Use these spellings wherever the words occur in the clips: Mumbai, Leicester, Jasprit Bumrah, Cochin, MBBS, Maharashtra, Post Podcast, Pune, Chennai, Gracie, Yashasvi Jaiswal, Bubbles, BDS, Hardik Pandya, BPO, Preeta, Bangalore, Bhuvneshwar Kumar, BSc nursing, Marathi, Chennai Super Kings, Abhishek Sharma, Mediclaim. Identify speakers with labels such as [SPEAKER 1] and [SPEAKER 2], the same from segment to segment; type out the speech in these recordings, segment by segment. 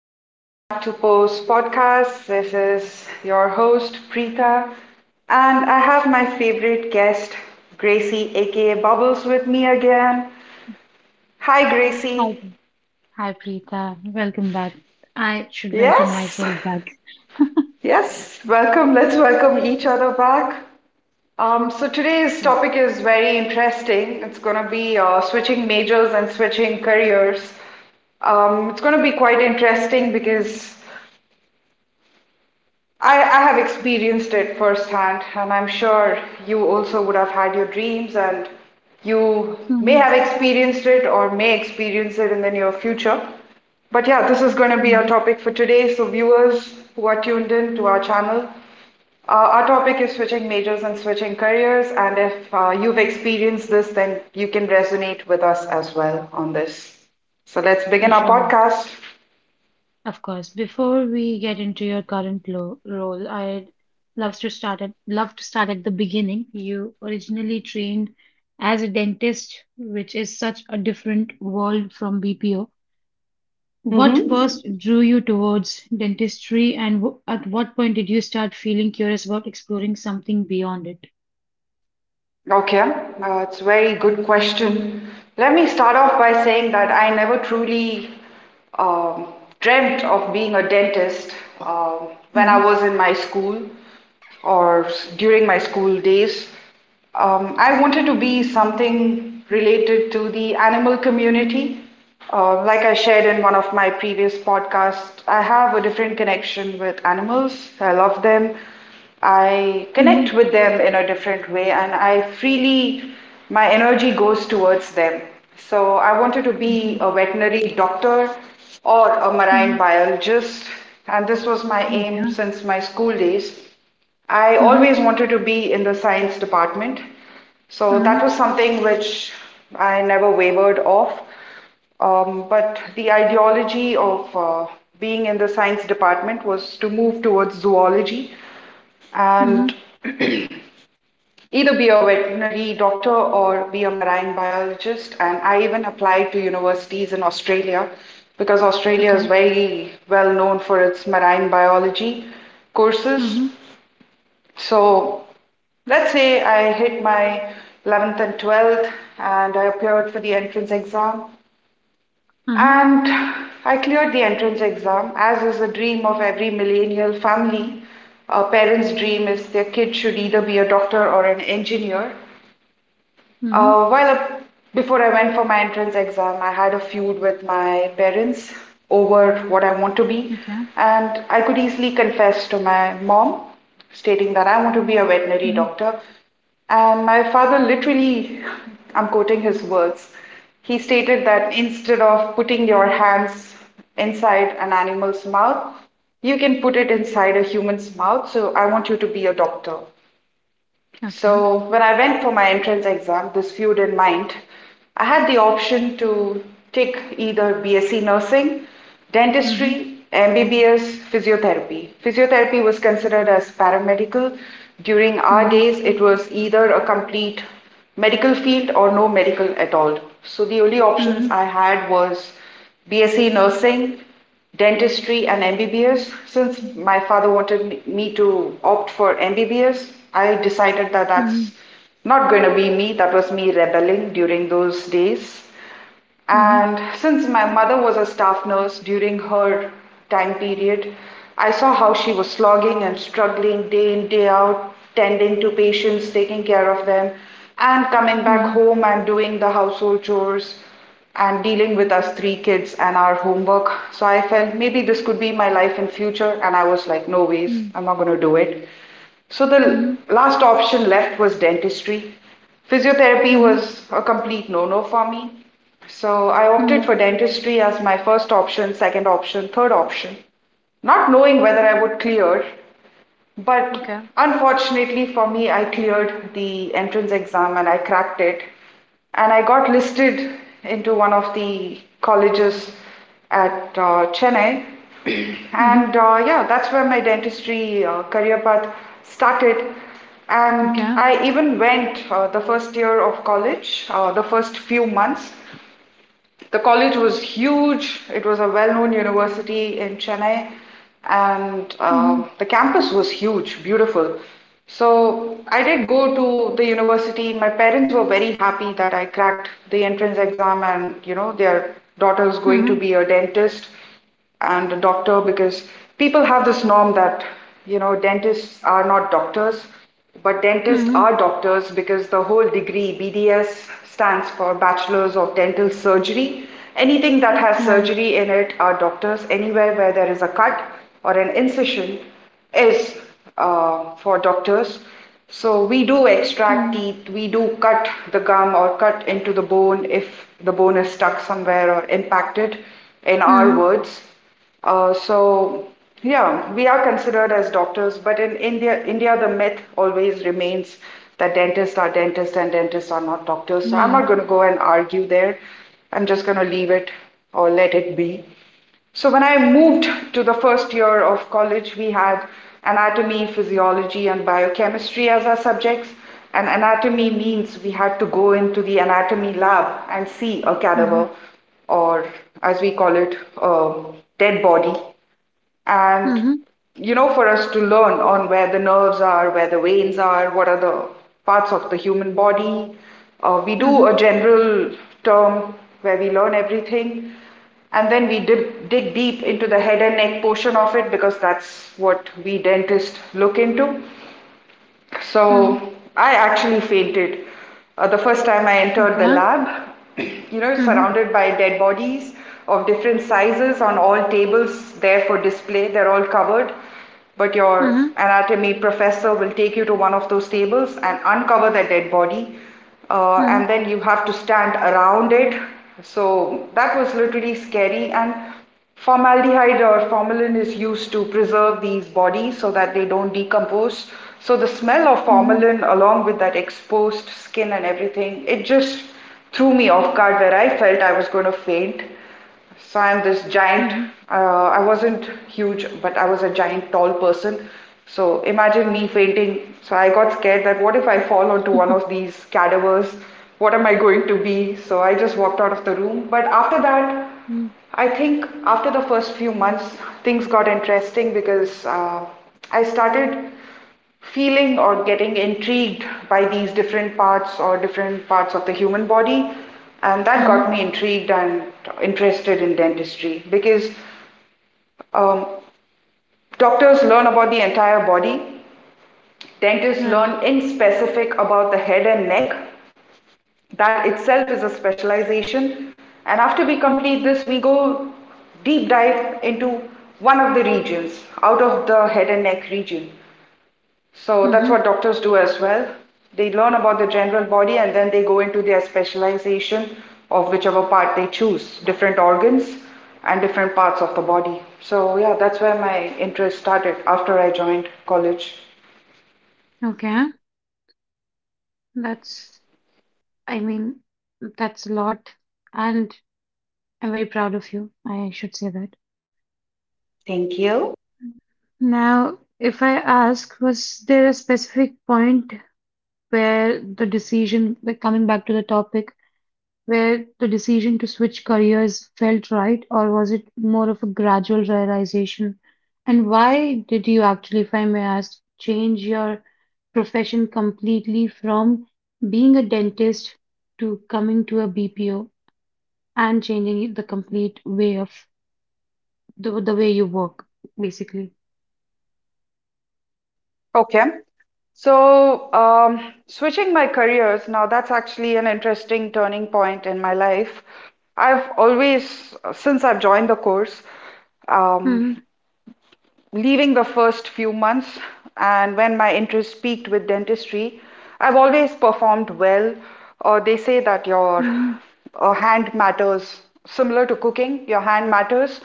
[SPEAKER 1] Welcome back to Post Podcast. This is your host, Preeta, and I have my favorite guest, Gracie, aka Bubbles, with me again. Hi,
[SPEAKER 2] Hi,
[SPEAKER 1] Gracie.
[SPEAKER 2] hi, Preeta. Welcome back. I should welcome
[SPEAKER 1] Yes,
[SPEAKER 2] myself back.
[SPEAKER 1] yes, welcome. Let's welcome each other back. Today's
[SPEAKER 2] Yes.
[SPEAKER 1] topic is very interesting. It's going to be switching majors and switching careers. It's going to be quite interesting because I have experienced it firsthand, and I'm sure you also would have had your dreams, and you may
[SPEAKER 2] Hmm.
[SPEAKER 1] have experienced it or may experience it in the near future. But yeah, this is going to be our
[SPEAKER 2] Hmm.
[SPEAKER 1] topic for today. So, viewers who are tuned in to our channel, our topic is switching majors and switching careers. And if you've experienced this, then you can resonate with us as well on this. So, let's
[SPEAKER 2] For
[SPEAKER 1] begin our
[SPEAKER 2] sure.
[SPEAKER 1] podcast.
[SPEAKER 2] Of course. Before we get into your current lo role, I'd love to start at the beginning. You originally trained as a dentist, which is such a different world from BPO. What
[SPEAKER 1] Mm-hmm.
[SPEAKER 2] first drew you towards dentistry, and w at what point did you start feeling curious about exploring something beyond it?
[SPEAKER 1] Okay, it's a very good question. Let me start off by saying that I never truly um, dreamt
[SPEAKER 2] Mm-hmm.
[SPEAKER 1] of being a dentist when I
[SPEAKER 2] Mm-hmm.
[SPEAKER 1] was in my school during my school days. I wanted to be something related to the animal community. Like I shared in one of my previous podcasts, I have a different connection with animals. I love them. I
[SPEAKER 2] Mm-hmm.
[SPEAKER 1] connect with them in a different way and I freely, my energy goes towards them. So I wanted to be a veterinary doctor or a marine
[SPEAKER 2] Mhm.
[SPEAKER 1] biologist, and this was my aim
[SPEAKER 2] Okay.
[SPEAKER 1] since my school days. I always
[SPEAKER 2] Mhm.
[SPEAKER 1] wanted to be in the science department, so that
[SPEAKER 2] Mhm.
[SPEAKER 1] was something which I never wavered off. But the ideology of being in the science department was to move towards zoology and
[SPEAKER 2] Mhm.
[SPEAKER 1] either be a veterinary doctor or be a marine biologist. And I even applied to universities in Australia because Australia is
[SPEAKER 2] Okay.
[SPEAKER 1] very well known for its marine biology courses.
[SPEAKER 2] Mhm.
[SPEAKER 1] So let's say I hit my 11th and 12th and I appeared for the entrance exam.
[SPEAKER 2] Mhm.
[SPEAKER 1] And I cleared the entrance exam, as is the dream of every millennial family. A parent's dream is their kid should either be a doctor or an engineer.
[SPEAKER 2] Mhm.
[SPEAKER 1] Uh, well, uh, Before I went for my entrance exam, I had a feud with my parents over what I want to
[SPEAKER 2] Okay.
[SPEAKER 1] be, and I could easily confess to my mom, stating that I want to be a
[SPEAKER 2] Mhm.
[SPEAKER 1] veterinary doctor. And my father literally, I'm quoting his words, he stated that instead of putting your hands inside an animal's mouth, you can put it inside a human's mouth, so I want you to be a doctor.
[SPEAKER 2] Okay.
[SPEAKER 1] So when I went for my entrance exam, this feud in mind, I had the option to take either BSc nursing,
[SPEAKER 2] Mhm.
[SPEAKER 1] dentistry, MBBS, physiotherapy. Physiotherapy was considered as paramedical. During our
[SPEAKER 2] Mhm.
[SPEAKER 1] days, it was either a complete medical field or no medical at all. So the only options
[SPEAKER 2] Mhm.
[SPEAKER 1] I had was BSc nursing, dentistry and MBBS. Since my father wanted me to opt for MBBS, I decided that that's
[SPEAKER 2] Mhm.
[SPEAKER 1] not going to be me. That was me rebelling during those days.
[SPEAKER 2] Mhm.
[SPEAKER 1] And since my mother was a staff nurse during her time period, I saw how she was slogging and struggling day in, day out, tending to patients, taking care of them, and coming back
[SPEAKER 2] Mhm.
[SPEAKER 1] home and doing the household chores and dealing with us three kids and our homework. So I felt maybe this could be my life in future and I was like no ways,
[SPEAKER 2] Mhm.
[SPEAKER 1] I'm not going to do it. So the
[SPEAKER 2] Mhm.
[SPEAKER 1] last option left was dentistry. Physiotherapy
[SPEAKER 2] Mhm.
[SPEAKER 1] was a complete no-no for me. So I opted
[SPEAKER 2] Mhm.
[SPEAKER 1] for dentistry as my first option, second option, third option, not knowing whether I would clear, but
[SPEAKER 2] Okay.
[SPEAKER 1] unfortunately for me, I cleared the entrance exam and I cracked it. And I got listed into one of the colleges at Chennai.
[SPEAKER 2] Mhm.
[SPEAKER 1] And yeah, that's where my dentistry career path started.
[SPEAKER 2] Okay.
[SPEAKER 1] And I even went the first year of college, the first few months the college was huge. It was a well-known university in Chennai, and
[SPEAKER 2] Mhm.
[SPEAKER 1] the campus was huge, beautiful. So I did go to the university. My parents were very happy that I cracked the entrance exam, and their daughter is going to
[SPEAKER 2] Mhm.
[SPEAKER 1] be a dentist and a doctor, because people have this norm that dentists are not doctors, but dentists
[SPEAKER 2] Mhm.
[SPEAKER 1] are doctors because the whole degree BDS stands for bachelor's of dental surgery. Anything that has
[SPEAKER 2] Right.
[SPEAKER 1] surgery in it are doctors. Anywhere where there is a cut or an incision is for doctors, so we do extract
[SPEAKER 2] Mhm.
[SPEAKER 1] teeth, we do cut the gum or cut into the bone if the bone is stuck somewhere or impacted, in our
[SPEAKER 2] Mhm.
[SPEAKER 1] words. So yeah, we are considered as doctors, but in India, the myth always remains that dentists are dentists and dentists are not doctors. So I'm not
[SPEAKER 2] Right.
[SPEAKER 1] going to go and argue there. I'm just going to leave it or let it be. So when I moved to the first year of college, we had anatomy, physiology, and biochemistry as our subjects. And anatomy means we had to go into the anatomy lab and see a cadaver,
[SPEAKER 2] Mhm.
[SPEAKER 1] or as we call it, a dead body, and
[SPEAKER 2] Mhm.
[SPEAKER 1] for us to learn on where the nerves are, where the veins are, what are the parts of the human body. We do a
[SPEAKER 2] Mhm.
[SPEAKER 1] general term where we learn everything, and then we dig deep into the head and neck portion of it because that's what we dentists look into. So
[SPEAKER 2] Mhm.
[SPEAKER 1] I actually fainted the first time I entered the
[SPEAKER 2] Okay.
[SPEAKER 1] lab. You know,
[SPEAKER 2] Mhm.
[SPEAKER 1] surrounded by dead bodies of different sizes on all tables there for display. They're all covered. But your
[SPEAKER 2] Mhm.
[SPEAKER 1] anatomy professor will take you to one of those tables and uncover the dead body. And
[SPEAKER 2] Mhm.
[SPEAKER 1] then you have to stand around it. So that was literally scary. And formaldehyde or formalin is used to preserve these bodies so that they don't decompose. So the smell of
[SPEAKER 2] Mhm.
[SPEAKER 1] formalin, along with that exposed skin and everything, it just threw me off guard where I felt I was going to faint. So I'm this giant.
[SPEAKER 2] Mhm.
[SPEAKER 1] I wasn't huge, but I was a giant, tall person. So imagine me fainting. So I got scared that what if I fall onto one of these cadavers? What am I going to be? So I just walked out of the room. But after that,
[SPEAKER 2] Mhm. Mhm.
[SPEAKER 1] I think after the first few months, things got interesting because I started feeling or getting intrigued by these different parts or different parts of the human body. And that got me intrigued and interested in dentistry because um, doctors learn about the entire body, dentists
[SPEAKER 2] Right.
[SPEAKER 1] learn in specific about the head and neck. That itself is a specialization. And after we complete this, we go deep dive into one of the regions out of the head and neck region. So that's what
[SPEAKER 2] Mhm.
[SPEAKER 1] doctors do as well. They learn about the general body and then they go into their specialization of whichever part they choose, different organs and different parts of the body. So, yeah, that's where my interest started after I joined college.
[SPEAKER 2] Okay. That's I mean, that's a lot, and I'm very proud of you. I should say that.
[SPEAKER 1] Thank you.
[SPEAKER 2] Now, if I ask, was there a specific point where the decision, like coming back to the topic, where the decision to switch careers felt right, or was it more of a gradual realization? And why did you actually, if I may ask, change your profession completely from being a dentist to coming to a BPO? And changing the complete way of the way you work, basically.
[SPEAKER 1] Okay. So, switching my careers, now that's actually an interesting turning point in my life. I've always, since I've joined the course, um,
[SPEAKER 2] Mhm,
[SPEAKER 1] leaving the first few months and when my interest peaked with dentistry, I've always performed well. They say that your
[SPEAKER 2] mhm,
[SPEAKER 1] hand matters, similar to cooking, your hand matters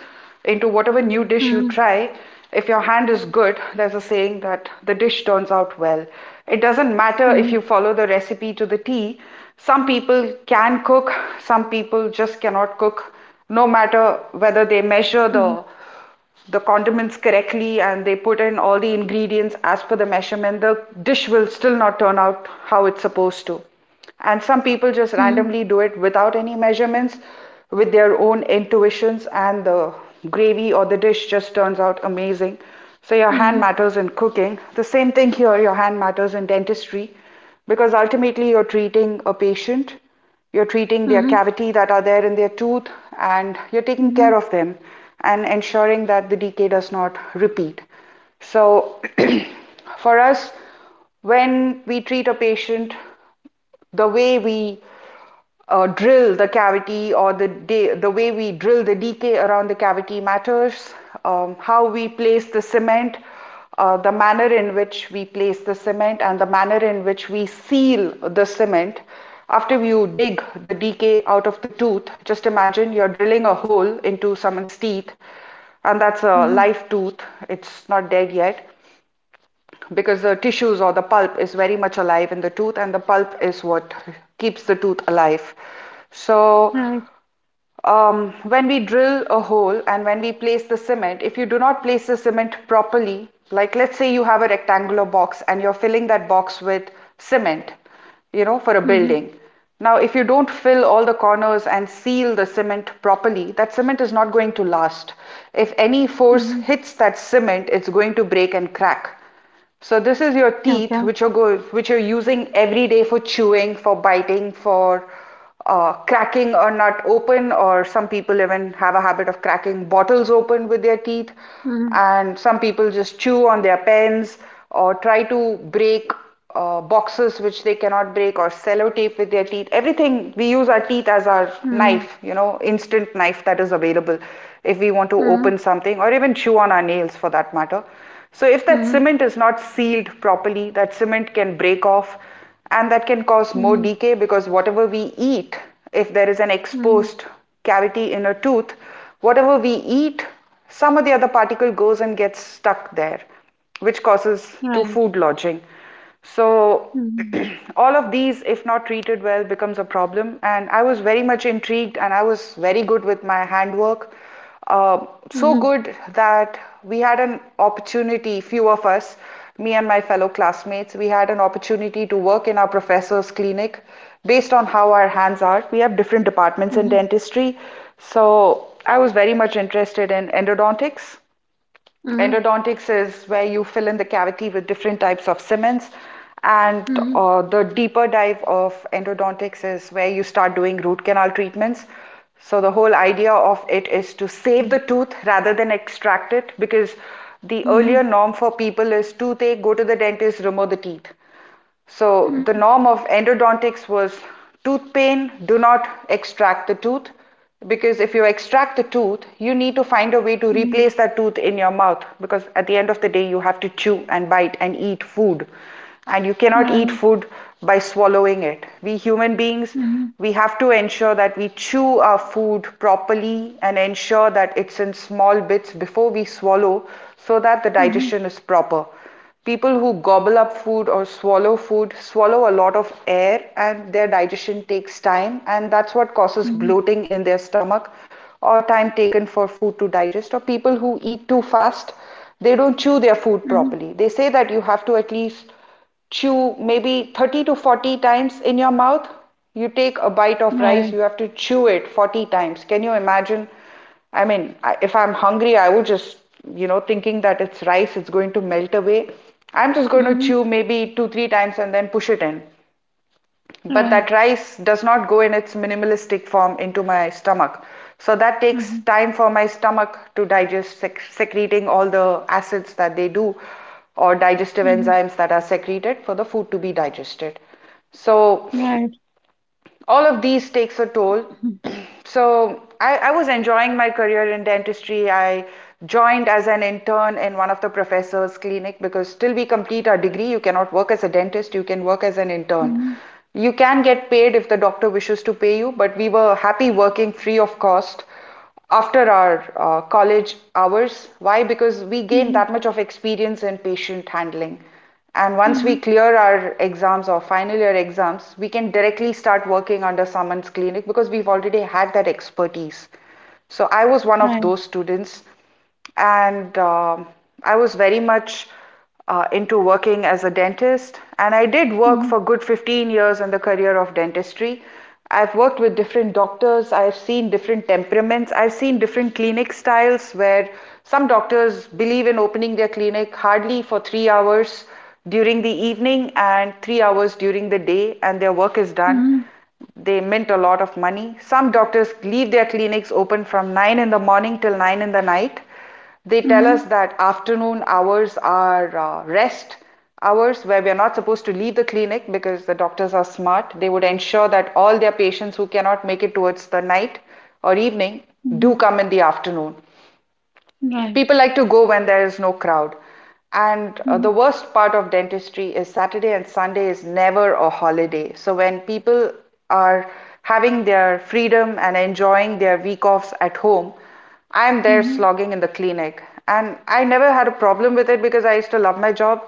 [SPEAKER 1] into whatever new dish you
[SPEAKER 2] mhm,
[SPEAKER 1] try. If your hand is good, there's a saying that the dish turns out well. It doesn't matter if
[SPEAKER 2] mhm,
[SPEAKER 1] you follow the recipe to the T. Some people can cook, some people just cannot cook, no matter whether they measure
[SPEAKER 2] mhm,
[SPEAKER 1] the condiments correctly and they put in all the ingredients as per the measurement, the dish will still not turn out how it's supposed to. And some people just
[SPEAKER 2] mhm,
[SPEAKER 1] randomly do it without any measurements, with their own intuitions, and the gravy or the dish just turns out amazing. So, your hand
[SPEAKER 2] mhm,
[SPEAKER 1] matters in cooking. The same thing here, your hand matters in dentistry because ultimately you're treating a patient, you're treating their
[SPEAKER 2] mhm,
[SPEAKER 1] cavity that are there in their tooth, and you're taking
[SPEAKER 2] mhm,
[SPEAKER 1] care of them and ensuring that the decay does not repeat. So, for us, when we treat a patient, the way we drill the cavity, or the way we drill the decay around the cavity matters, how we place the cement, the manner in which we place the cement, and the manner in which we seal the cement. After you dig the decay out of the tooth, just imagine you're drilling a hole into someone's teeth, and that's a
[SPEAKER 2] mhm.
[SPEAKER 1] live tooth. It's not dead yet because the tissues or the pulp is very much alive in the tooth, and the pulp is what keeps the tooth alive. so
[SPEAKER 2] Right.
[SPEAKER 1] when we drill a hole and when we place the cement, if you do not place the cement properly, like let's say you have a rectangular box and you're filling that box with cement, you know, for a
[SPEAKER 2] Mm-hmm.
[SPEAKER 1] building. Now if you don't fill all the corners and seal the cement properly, that cement is not going to last. If any force
[SPEAKER 2] Mm-hmm.
[SPEAKER 1] hits that cement, it's going to break and crack. So this is your teeth,
[SPEAKER 2] Okay.
[SPEAKER 1] which are go which you're using every day for chewing, for biting, for cracking a nut open, or some people even have a habit of cracking bottles open with their teeth,
[SPEAKER 2] Mm-hmm.
[SPEAKER 1] and some people just chew on their pens or try to break boxes which they cannot break, or sellotape with their teeth. Everything, we use our teeth as our
[SPEAKER 2] Mm-hmm.
[SPEAKER 1] knife, you know, instant knife that is available if we want to open
[SPEAKER 2] Mm-hmm.
[SPEAKER 1] something, or even chew on our nails for that matter. So if that
[SPEAKER 2] Mm-hmm.
[SPEAKER 1] cement is not sealed properly, that cement can break off, and that can cause more
[SPEAKER 2] Mm-hmm.
[SPEAKER 1] decay because whatever we eat, if there is an
[SPEAKER 2] Mm-hmm.
[SPEAKER 1] exposed cavity in a tooth, whatever we eat, some of the other particle goes and gets stuck there, which causes to
[SPEAKER 2] Right.
[SPEAKER 1] food lodging. So
[SPEAKER 2] Mm-hmm.
[SPEAKER 1] all of these, if not treated well, becomes a problem. And I was very much intrigued, and I was very good with my handwork. Uh, so
[SPEAKER 2] Mm-hmm.
[SPEAKER 1] good that we had an opportunity, few of us, me and my fellow classmates, we had an opportunity to work in our professor's clinic based on how our hands are. We have different departments in
[SPEAKER 2] Mm-hmm.
[SPEAKER 1] dentistry. So I was very much interested in endodontics
[SPEAKER 2] Mm-hmm.
[SPEAKER 1] endodontics Is where you fill in the cavity with different types of cements, and
[SPEAKER 2] Mm-hmm.
[SPEAKER 1] the deeper dive of endodontics is where you start doing root canal treatments. So the whole idea of it is to save the
[SPEAKER 2] Mm-hmm.
[SPEAKER 1] tooth rather than extract it, because the earlier
[SPEAKER 2] Mm-hmm.
[SPEAKER 1] norm for people is toothache, go to the dentist, remove the teeth. So the norm of endodontics was tooth pain, do not extract the tooth, because if you extract the tooth, you need to find a way to replace that tooth in your mouth, because at the end of the day, you have to chew and bite and eat food. And you cannot eat
[SPEAKER 2] Right.
[SPEAKER 1] food by swallowing it. We human beings,
[SPEAKER 2] Mm-hmm.
[SPEAKER 1] we have to ensure that we chew our food properly and ensure that it's in small bits before we swallow, so that the
[SPEAKER 2] Mm-hmm.
[SPEAKER 1] digestion is proper. People who gobble up food or swallow food swallow a lot of air, and their digestion takes time, and that's what causes
[SPEAKER 2] Mm-hmm.
[SPEAKER 1] bloating in their stomach, or time taken for food to digest. Or people who eat too fast, they don't chew their food
[SPEAKER 2] Mm-hmm.
[SPEAKER 1] properly. They say that you have to at least chew maybe 30 to 40 times in your mouth. You take a bite of rice,
[SPEAKER 2] Right.
[SPEAKER 1] you have to chew it 40 times. Can you imagine? I mean, if I'm hungry, I would just, you know, thinking that it's rice, it's going to melt away, I'm just going to
[SPEAKER 2] Mm-hmm.
[SPEAKER 1] chew maybe two, three times and then push it in. But that
[SPEAKER 2] Right.
[SPEAKER 1] rice does not go in its minimalistic form into my stomach. So that takes
[SPEAKER 2] Mm-hmm.
[SPEAKER 1] time for my stomach to digest, secreting all the acids that they do, or digestive
[SPEAKER 2] Mm-hmm.
[SPEAKER 1] enzymes that are secreted for the food to be digested. So
[SPEAKER 2] Right.
[SPEAKER 1] all of these takes a toll.
[SPEAKER 2] Mm-hmm.
[SPEAKER 1] So I was enjoying my career in dentistry. I joined as an intern in one of the professor's clinic, because till we complete our degree, you cannot work as a dentist. You can work as an intern.
[SPEAKER 2] Mm-hmm.
[SPEAKER 1] You can get paid if the doctor wishes to pay you, but we were happy working free of cost after our college hours. Why? Because we gain
[SPEAKER 2] Mhm,
[SPEAKER 1] that much of experience in patient handling. And once we
[SPEAKER 2] mhm,
[SPEAKER 1] clear our exams or final year exams, we can directly start working under someone's clinic because we've already had that expertise. So I was one of
[SPEAKER 2] right.
[SPEAKER 1] those students, and I was very much into working as a dentist. And I did work for
[SPEAKER 2] Mhm,
[SPEAKER 1] good 15 years in the career of dentistry. I've worked with different doctors, I've seen different temperaments, I've seen different clinic styles where some doctors believe in opening their clinic hardly for 3 hours during the evening and 3 hours during the day, and their work is done.
[SPEAKER 2] mhm,
[SPEAKER 1] They mint a lot of money. Some doctors leave their clinics open from 9 in the morning till 9 in the night. They tell us
[SPEAKER 2] mhm,
[SPEAKER 1] that afternoon hours are rest hours, where we are not supposed to leave the clinic, because the doctors are smart. They would ensure that all their patients who cannot make it towards the night or evening do
[SPEAKER 2] mhm,
[SPEAKER 1] come in the afternoon.
[SPEAKER 2] right.
[SPEAKER 1] People like to go when there is no crowd. And
[SPEAKER 2] Mhm,
[SPEAKER 1] the worst part of dentistry is Saturday and Sunday is never a holiday. So when people are having their freedom and enjoying their week offs at home, I'm there
[SPEAKER 2] mhm,
[SPEAKER 1] slogging in the clinic. And I never had a problem with it because I used to love my job.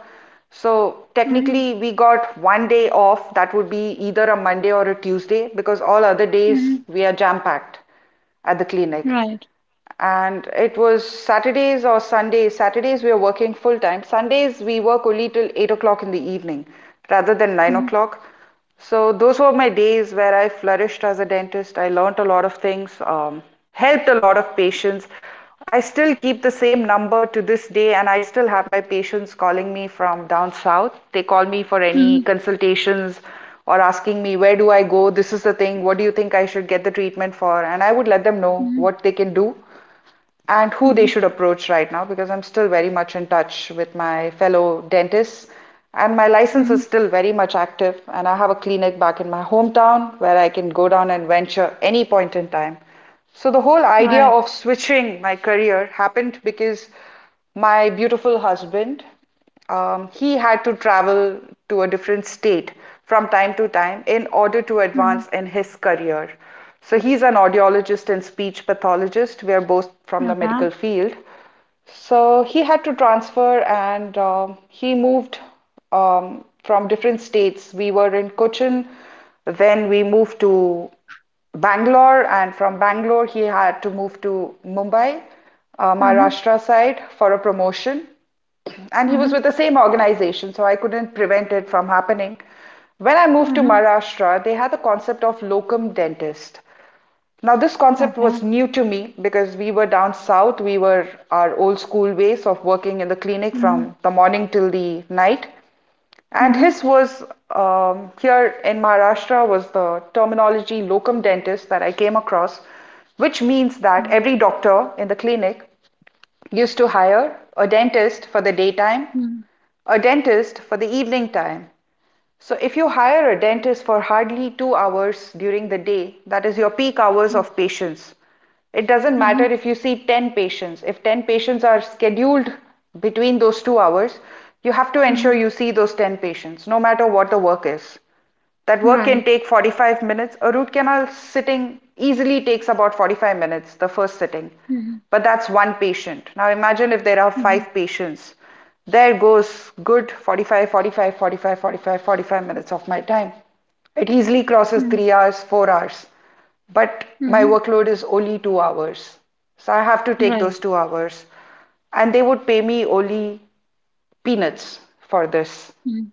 [SPEAKER 1] So
[SPEAKER 2] mhm,
[SPEAKER 1] technically, we got one day off, that would be either a Monday or a Tuesday, because all other
[SPEAKER 2] mhm,
[SPEAKER 1] days we are jam packed at the clinic,
[SPEAKER 2] right.
[SPEAKER 1] and it was Saturdays or Sundays. Saturdays we were working full time. Sundays we work only till 8 o'clock in the evening rather than 9
[SPEAKER 2] Mhm,
[SPEAKER 1] o'clock. So those were my days where I flourished as a dentist. I learnt a lot of things, helped a lot of patients. I still keep the same number to this day, and I still have my patients calling me from down south. They call me for any
[SPEAKER 2] mhm,
[SPEAKER 1] consultations, or asking me, where do I go, this is the thing, what do you think I should get the treatment for? And I would let them know
[SPEAKER 2] mhm,
[SPEAKER 1] what they can do and who they
[SPEAKER 2] mhm,
[SPEAKER 1] should approach right now, because I'm still very much in touch with my fellow dentists, and my license is
[SPEAKER 2] mhm,
[SPEAKER 1] still very much active, and I have a clinic back in my hometown where I can go down and venture any point in time. So the whole idea
[SPEAKER 2] right.
[SPEAKER 1] of switching my career happened because my beautiful husband, he had to travel to a different state from time to time in order to
[SPEAKER 2] Mhm,
[SPEAKER 1] advance in his career. So he's an audiologist and speech pathologist. We are both from the
[SPEAKER 2] okay.
[SPEAKER 1] medical field. So he had to transfer, and he moved from different states. We were in Cochin, then we moved to Bangalore, and from Bangalore, he had to move to Mumbai,
[SPEAKER 2] Mhm,
[SPEAKER 1] Maharashtra side, for a promotion. And he was with
[SPEAKER 2] mhm,
[SPEAKER 1] the same organization, so I couldn't prevent it from happening. When I moved to
[SPEAKER 2] mhm,
[SPEAKER 1] Maharashtra, they had the concept of locum dentist. Now, this concept was
[SPEAKER 2] okay.
[SPEAKER 1] new to me because we were down south. We were our old school ways of working in the clinic from
[SPEAKER 2] Mhm,
[SPEAKER 1] the morning till the night. And his
[SPEAKER 2] mhm,
[SPEAKER 1] was here in Maharashtra was the terminology locum dentist that I came across, which means that
[SPEAKER 2] mhm,
[SPEAKER 1] every doctor in the clinic used to hire a dentist for the daytime,
[SPEAKER 2] mhm,
[SPEAKER 1] a dentist for the evening time. So if you hire a dentist for hardly 2 hours during the day, that is your peak hours of patients, it doesn't matter,
[SPEAKER 2] mhm,
[SPEAKER 1] if you see 10 patients, if 10 patients are scheduled between those 2 hours, you have to
[SPEAKER 2] mhm,
[SPEAKER 1] ensure you see those 10 patients, no matter what the work is. That work can
[SPEAKER 2] right.
[SPEAKER 1] take 45 minutes. A root canal sitting easily takes about 45 minutes, the first sitting.
[SPEAKER 2] Mhm,
[SPEAKER 1] But that's one patient. Now imagine if there are
[SPEAKER 2] mhm,
[SPEAKER 1] five patients. There goes good 45, 45, 45, 45, 45 minutes of my time. It easily crosses
[SPEAKER 2] mhm,
[SPEAKER 1] 3 hours, 4 hours. But my
[SPEAKER 2] mhm,
[SPEAKER 1] workload is only 2 hours. So I have to take
[SPEAKER 2] right.
[SPEAKER 1] those 2 hours. And they would pay me only peanuts for this.
[SPEAKER 2] Mhm,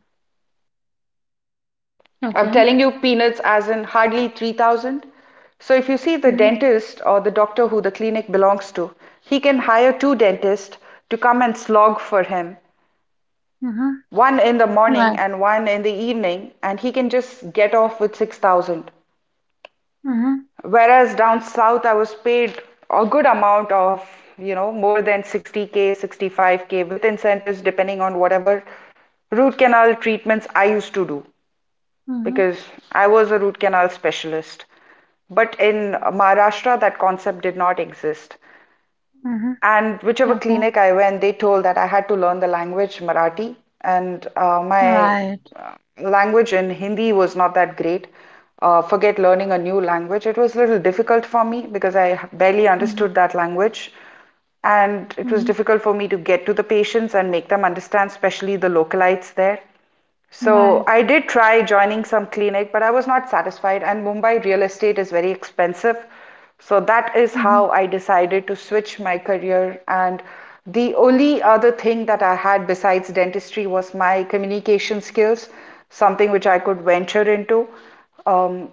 [SPEAKER 1] I'm
[SPEAKER 2] okay.
[SPEAKER 1] telling you, peanuts, as in hardly 3,000. So if you see the
[SPEAKER 2] Mhm,
[SPEAKER 1] dentist or the doctor who the clinic belongs to, he can hire two dentists to come and slog for him,
[SPEAKER 2] mhm,
[SPEAKER 1] one in the morning
[SPEAKER 2] right.
[SPEAKER 1] and one in the evening, and he can just get off with 6,000.
[SPEAKER 2] Mhm,
[SPEAKER 1] Whereas down south, I was paid a good amount of, you know, more than 60K, 65K with incentives depending on whatever root canal treatments I used to do,
[SPEAKER 2] mhm,
[SPEAKER 1] because I was a root canal specialist. But in Maharashtra, that concept did not exist.
[SPEAKER 2] mhm,
[SPEAKER 1] And whichever
[SPEAKER 2] okay.
[SPEAKER 1] clinic I went, they told that I had to learn the language Marathi, and my
[SPEAKER 2] Right.
[SPEAKER 1] uh, language in Hindi was not that great. Forget learning a new language. It was a little difficult for me because I barely
[SPEAKER 2] Mhm,
[SPEAKER 1] understood that language. And it was
[SPEAKER 2] mhm,
[SPEAKER 1] difficult for me to get to the patients and make them understand, especially the localites there. So
[SPEAKER 2] right.
[SPEAKER 1] I did try joining some clinic, but I was not satisfied. And Mumbai real estate is very expensive. So that is how
[SPEAKER 2] Mhm.
[SPEAKER 1] I decided to switch my career. And the only other thing that I had besides dentistry was my communication skills, something which I could venture into. Um,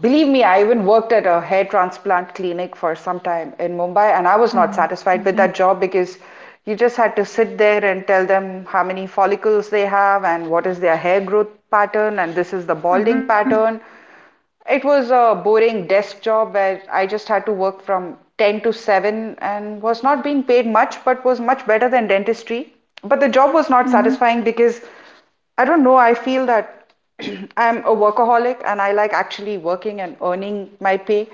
[SPEAKER 1] Believe me, I even worked at a hair transplant clinic for some time in Mumbai, and I was not
[SPEAKER 2] Right.
[SPEAKER 1] satisfied with
[SPEAKER 2] Okay.
[SPEAKER 1] that job because you just had to sit there and tell them how many follicles they have and what is their hair growth pattern, and this is the balding
[SPEAKER 2] Mhm.
[SPEAKER 1] pattern. It was a boring desk job where I just had to work from 10 to 7 and was not being paid much, but was much better than dentistry. But the job was not
[SPEAKER 2] Mhm.
[SPEAKER 1] satisfying because I don't know, I feel that I'm a workaholic and I like actually working and earning my pay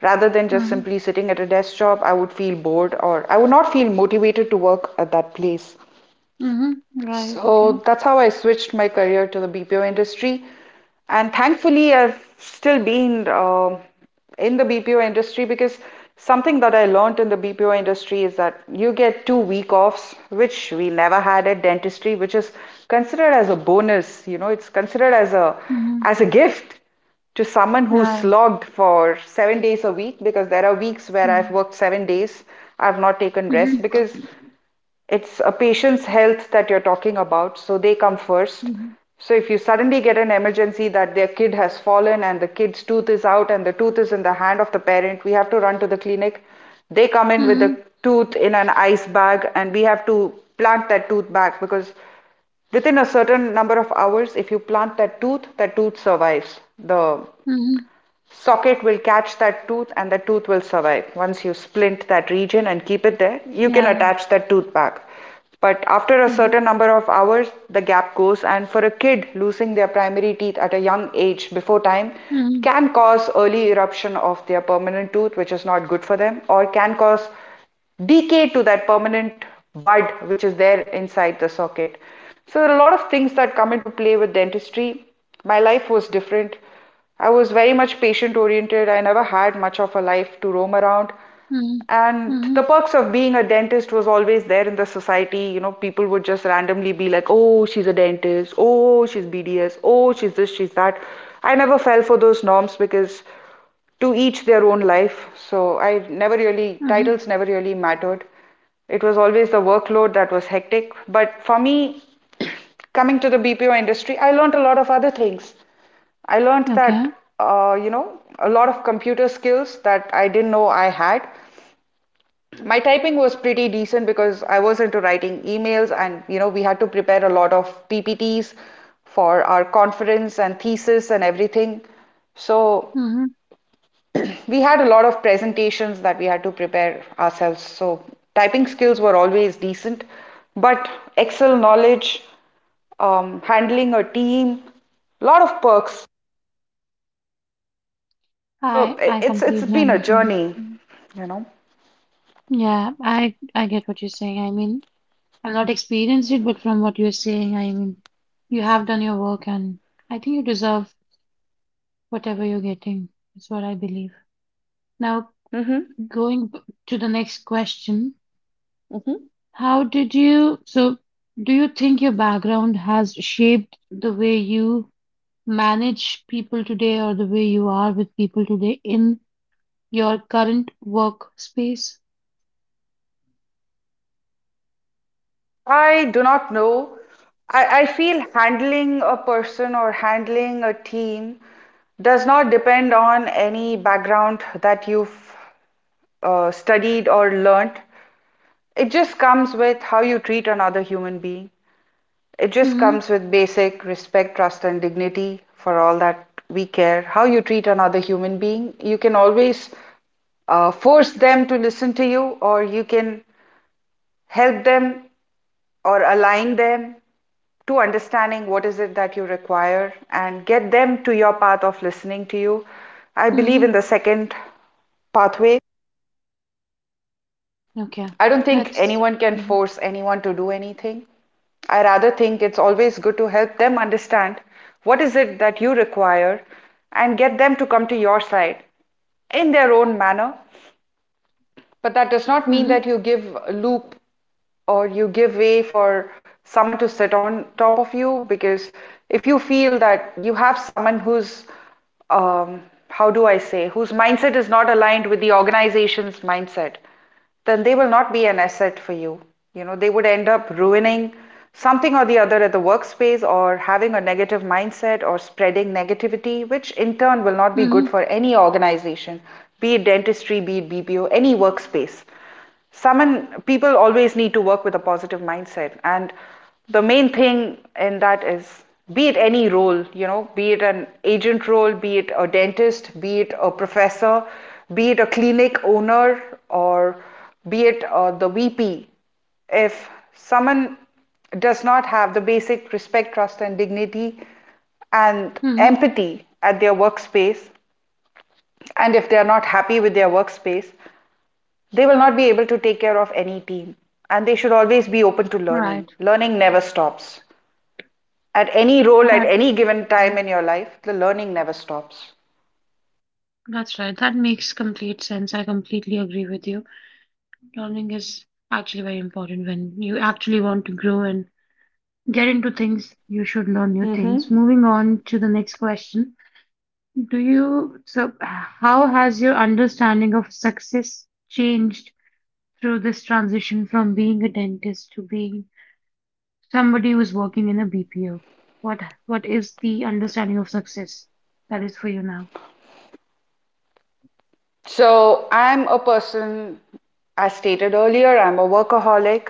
[SPEAKER 1] rather than just
[SPEAKER 2] Mhm.
[SPEAKER 1] simply sitting at a desk job. I would feel bored or I would not feel motivated to work at that place.
[SPEAKER 2] Mhm. Right. Okay.
[SPEAKER 1] So that's how I switched my career to the BPO industry. And thankfully, I've still been in the BPO industry because something that I learned in the BPO industry is that you get 2 week offs, which we never had at dentistry, which is considered as a bonus. You know, it's considered
[SPEAKER 2] Mhm.
[SPEAKER 1] as a gift to someone who
[SPEAKER 2] Right.
[SPEAKER 1] slogged for 7 days a week because there are weeks where I've
[SPEAKER 2] Mhm.
[SPEAKER 1] worked 7 days, I've not taken rest
[SPEAKER 2] Mhm.
[SPEAKER 1] because it's a patient's health that you're talking about, so they come first.
[SPEAKER 2] Mhm.
[SPEAKER 1] So if you suddenly get an emergency that their kid has fallen and the kid's tooth is out and the tooth is in the hand of the parent, we have to run to the clinic. They come in with the
[SPEAKER 2] Mhm.
[SPEAKER 1] tooth in an ice bag and we have to plant that tooth back because within a certain number of hours, if you plant that tooth survives the
[SPEAKER 2] Mhm.
[SPEAKER 1] socket will catch that tooth and the tooth will survive. Once you splint that region and keep it there, you can
[SPEAKER 2] Right.
[SPEAKER 1] attach that tooth back. But after a
[SPEAKER 2] Mhm.
[SPEAKER 1] certain number of hours, the gap goes, and for a kid, losing their primary teeth at a young age before time
[SPEAKER 2] Mhm.
[SPEAKER 1] can cause early eruption of their permanent tooth, which is not good for them, or can cause decay to that permanent bud which is there inside the socket. So, there are a lot of things that come into play with dentistry. My life was different. I was very much patient oriented. I never had much of a life to roam around.
[SPEAKER 2] Mhm.
[SPEAKER 1] And the perks of being a dentist was always there in the society. You know, people would just randomly be like, oh, she's a dentist. Oh, she's BDS. Oh, she's this, she's that. I never fell for those norms because to each their own life. So I never
[SPEAKER 2] Mhm.
[SPEAKER 1] really, titles never really mattered. It was always
[SPEAKER 2] Mhm.
[SPEAKER 1] the workload that was hectic. But for me, coming to the BPO industry, I learned a lot of other things. I learned
[SPEAKER 2] Okay.
[SPEAKER 1] that, you know, a lot of computer skills that I didn't know I had. My typing was pretty decent because I was into writing emails, and, you know, we had to prepare a lot of PPTs for our conference and thesis and everything. So
[SPEAKER 2] Mm-hmm.
[SPEAKER 1] we had a lot of presentations that we had to prepare ourselves. So typing skills were always decent, but Excel knowledge, handling a team, a lot of perks. So
[SPEAKER 2] I
[SPEAKER 1] it's
[SPEAKER 2] completely
[SPEAKER 1] been a
[SPEAKER 2] understand.
[SPEAKER 1] journey,
[SPEAKER 2] Mm.
[SPEAKER 1] you know.
[SPEAKER 2] Yeah, I get what you're saying. I mean, I've not experienced it, but from what you're saying, I mean, you have done your work, and I think you deserve whatever you're getting. That's what I believe. Now,
[SPEAKER 1] Mm-hmm.
[SPEAKER 2] Going b- to the next question,
[SPEAKER 1] Mm-hmm.
[SPEAKER 2] so do you think your background has shaped the way you manage people today or the way you are with people today in your current workspace?
[SPEAKER 1] I do not know. I feel handling a person or handling a team does not depend on any background that you've studied or learnt. It just comes with how you treat another human being. It just
[SPEAKER 2] Mm-hmm.
[SPEAKER 1] comes with basic respect, trust, and dignity for all that we care. How you treat another human being, you can always force them to listen to you, or you can help them or align them to understanding what is it that you require and get them to your path of listening to you. I believe
[SPEAKER 2] Mm-hmm.
[SPEAKER 1] in the second pathway.
[SPEAKER 2] Okay.
[SPEAKER 1] I don't think
[SPEAKER 2] That's
[SPEAKER 1] anyone can
[SPEAKER 2] Mm-hmm.
[SPEAKER 1] force anyone to do anything. I rather think it's always good to help them understand what is it that you require and get them to come to your side in their own manner. But that does
[SPEAKER 2] Mm-hmm.
[SPEAKER 1] not mean that you give a loop or you give way for someone to sit on top of you because if you feel that you have someone who's um, how do I say whose mindset is not aligned with the organization's mindset then they will not be an asset for you. You know, they would end up ruining something or the other at the workspace or having a negative mindset or spreading negativity, which in turn will not be good
[SPEAKER 2] Mm-hmm.
[SPEAKER 1] for any organization, be it dentistry, be it BPO, any workspace someone people always need to work with a positive mindset and the main thing in that is be it any role, you know, be it an agent role, be it a dentist, be it a professor, be it a clinic owner, or be it the VP. If someone does not have the basic respect, trust and dignity and
[SPEAKER 2] Mm-hmm.
[SPEAKER 1] empathy at their workspace and if they are not happy with their workspace they will not be able to take care of any team, and they should always be open to
[SPEAKER 2] Right.
[SPEAKER 1] learning. Learning never stops. At any role, at
[SPEAKER 2] That
[SPEAKER 1] any given time in your life, the learning never stops.
[SPEAKER 2] that's right. That makes complete sense. I completely agree with you. Learning is actually very important when you actually want to grow and get into things. You should learn new
[SPEAKER 1] Mm-hmm.
[SPEAKER 2] things. Moving on to the next question, do you so how has your understanding of success changed through this transition from being a dentist to being somebody who's working in a BPO? What what is the understanding of success that is for you now?
[SPEAKER 1] So I'm a person, as stated earlier, I'm a workaholic.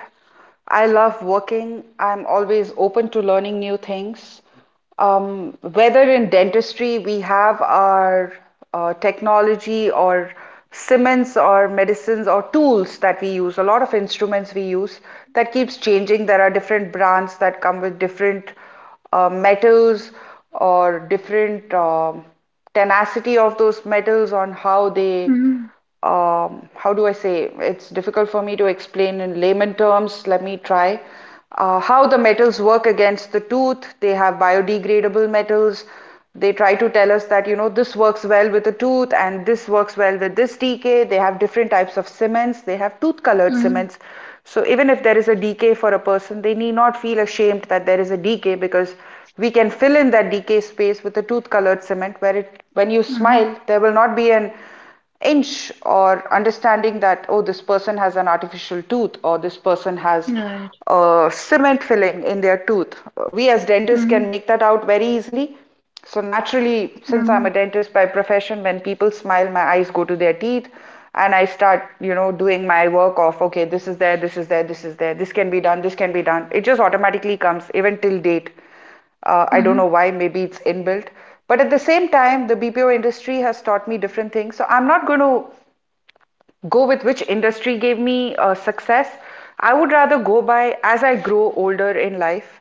[SPEAKER 1] I love working. I'm always open to learning new things. Whether in dentistry, we have our technology or cements, or medicines or tools that we use, a lot of instruments we use that keeps changing. There are different brands that come with different metals or different tenacity of those metals on how they
[SPEAKER 2] Mm-hmm,
[SPEAKER 1] how do I say it's difficult for me to explain in layman terms, let me try. How the metals work against the tooth, they have biodegradable metals. They try to tell us that, you know, this works well with the tooth and this works well with this TK. They have different types of cements, they have tooth colored
[SPEAKER 2] mm-hmm,
[SPEAKER 1] cements, so even if there is a decay for a person, they need not feel ashamed that there is a decay because we can fill in that decay space with a tooth colored cement where it when you
[SPEAKER 2] mm-hmm.
[SPEAKER 1] smile there will not be an inch or understanding that oh this person has an artificial tooth or this person has
[SPEAKER 2] Right.
[SPEAKER 1] a cement filling in their tooth. We as dentists can
[SPEAKER 2] Mm-hmm,
[SPEAKER 1] make that out very easily. So naturally, since I'm a
[SPEAKER 2] mm-hmm,
[SPEAKER 1] dentist by profession, when people smile, my eyes go to their teeth and I start, you know, doing my work of, okay, this is there, this is there, this is there, this can be done, this can be done. It just automatically comes, even till date. I don't
[SPEAKER 2] mm-hmm,
[SPEAKER 1] know why, maybe it's inbuilt. But at the same time, the BPO industry has taught me different things. So I'm not going to go with which industry gave me success. I would rather go by as I grow older in life.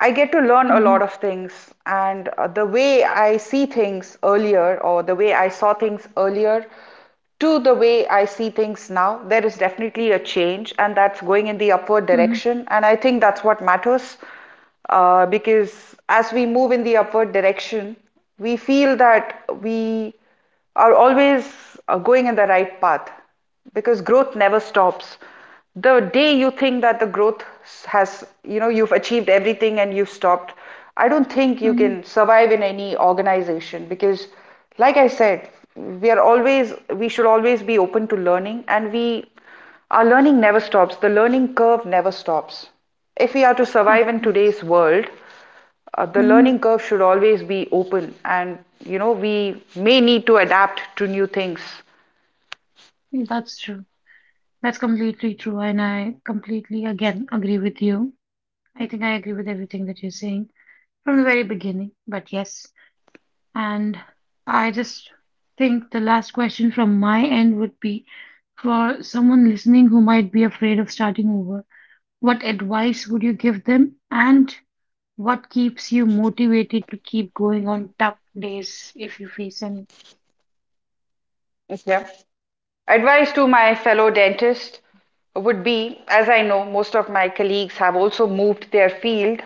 [SPEAKER 1] I get to learn a lot of things, and the way I see things earlier, or the way I saw things earlier, to the way I see things now, there is definitely a change, and that's going in the
[SPEAKER 2] mm-hmm,
[SPEAKER 1] upward direction. And I think that's what matters because as we move in the upward direction, we feel that we are always going in the right path because growth never stops. The day you think that the growth has, you know, you've achieved everything and you've stopped, I don't think you
[SPEAKER 2] mm-hmm.
[SPEAKER 1] can survive in any organization because, like I said, we are always, we should always be open to learning and we, our learning never stops. The learning curve never stops. If we are to
[SPEAKER 2] Of
[SPEAKER 1] survive in
[SPEAKER 2] course.
[SPEAKER 1] today's world, the
[SPEAKER 2] Mm-hmm.
[SPEAKER 1] learning curve should always be open and you know we may need to adapt to new things.
[SPEAKER 2] That's true. That's completely true, and I completely again agree with you. I think I agree with everything that you're saying from the very beginning, but yes. And I just think the last question from my end would be, for someone listening who might be afraid of starting over, what advice would you give them, and what keeps you motivated to keep going on tough days if you face any?
[SPEAKER 1] Yeah. Advice to my fellow dentist would be, as I know most of my colleagues have also moved their field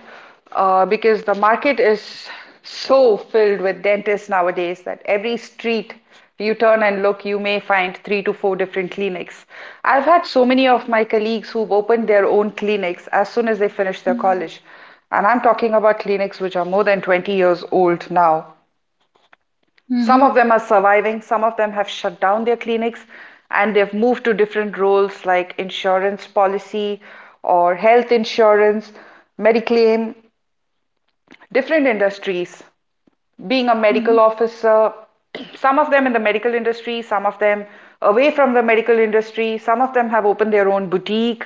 [SPEAKER 1] because the market is so filled with dentists nowadays that every street you turn and look, you may find 3 to 4 different clinics. I've had so many of my colleagues who've opened their own clinics as soon as they finish their
[SPEAKER 2] Mhm,
[SPEAKER 1] college. And I'm talking about clinics which are more than 20 years old now. Some
[SPEAKER 2] mhm,
[SPEAKER 1] of them are surviving, some of them have shut down their clinics and they've moved to different roles like insurance policy or health insurance, Mediclaim, different industries, being a
[SPEAKER 2] mhm,
[SPEAKER 1] medical officer, some of them in the medical industry, some of them away from the medical industry, some of them have opened their own boutique,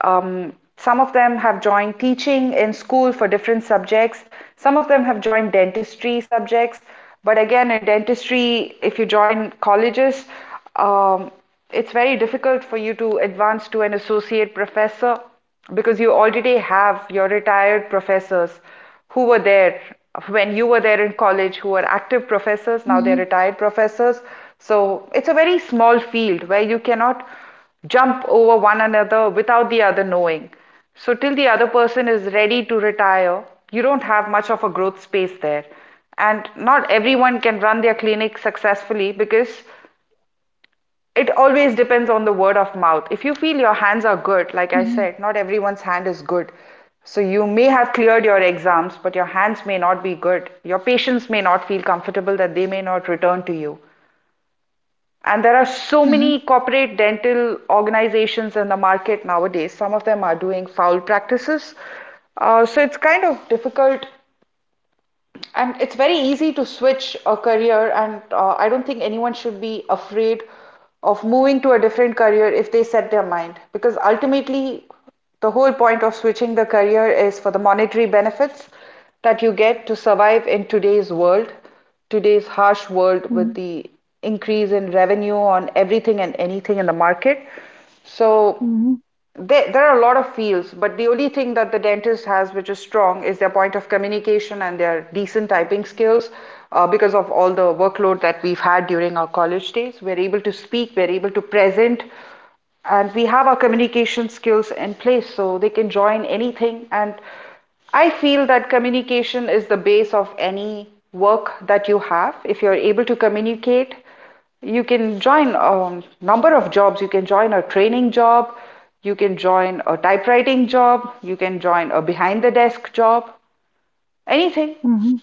[SPEAKER 1] some of them have joined teaching in school for different subjects, some of them have joined dentistry subjects. But again, in dentistry, if you join colleges, um, it's very difficult for you to advance to an associate professor because you already have your retired professors who were there when you were there in college who are active professors, now
[SPEAKER 2] mhm,
[SPEAKER 1] they're retired professors, so it's a very small field where you cannot jump over one another without the other knowing, so till the other person is ready to retire you don't have much of a growth space there, and not everyone can run their clinic successfully because it always depends on the word of mouth. If you feel your hands are good, like I
[SPEAKER 2] mhm,
[SPEAKER 1] said, not everyone's hand is good. So you may have cleared your exams, but your hands may not be good. Your patients may not feel comfortable, that they may not return to you.
[SPEAKER 2] mhm,
[SPEAKER 1] And there are so many corporate dental organizations in the market nowadays. Some of them are doing foul practices. So it's kind of difficult, and it's very easy to switch a career, and I don't think anyone should be afraid of moving to a different career if they set their mind. Because ultimately, the whole point of switching the career is for the monetary benefits that you get to survive in today's world, today's harsh world with
[SPEAKER 2] mhm,
[SPEAKER 1] the increase in revenue on everything and anything in the market. So
[SPEAKER 2] mhm,
[SPEAKER 1] there are a lot of fields, but the only thing that the dentist has which is strong is their point of communication and their decent typing skills. Because of all the workload that we've had during our college days, we're able to speak, we're able to present, and we have our communication skills in place so they can join anything. And I feel that communication is the base of any work that you have. If you're able to communicate, you can join a number of jobs. You can join a training job, you can join a typewriting job, you can join a behind the desk job, anything.
[SPEAKER 2] mhm.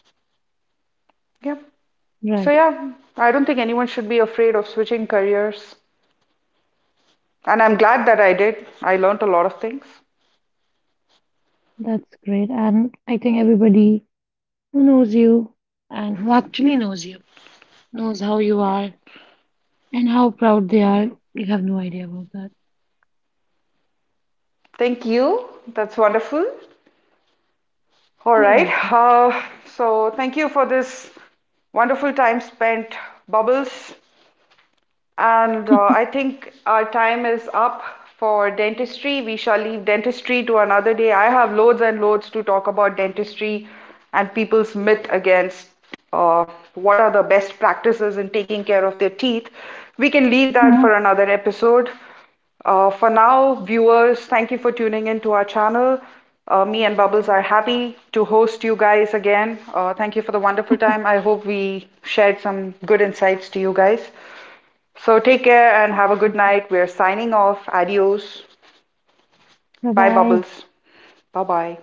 [SPEAKER 1] Yeah. So,
[SPEAKER 2] Right,
[SPEAKER 1] yeah, I don't think anyone should be afraid of switching careers. And I'm glad that I did. I learned a lot of things.
[SPEAKER 2] that's great. And I think everybody who knows you and who actually knows you knows how you are and how proud they are. You have no idea about that.
[SPEAKER 1] Thank you. That's wonderful. All
[SPEAKER 2] You're
[SPEAKER 1] right.
[SPEAKER 2] welcome.
[SPEAKER 1] So, thank you for this wonderful time spent, Bubbles. And I think our time is up for dentistry. We shall leave dentistry to another day. I have loads and loads to talk about dentistry and people's myth against uh, what are the best practices in taking care of their teeth. We can leave that for another episode. For now, viewers, thank you for tuning in to our channel. Me and Bubbles are happy to host you guys again. Thank you for the wonderful time. I hope we shared some good insights to you guys. So take care and have a good night. We're signing off. Adios.
[SPEAKER 2] Bye
[SPEAKER 1] Bye,
[SPEAKER 2] bye.
[SPEAKER 1] Bubbles. Bye bye.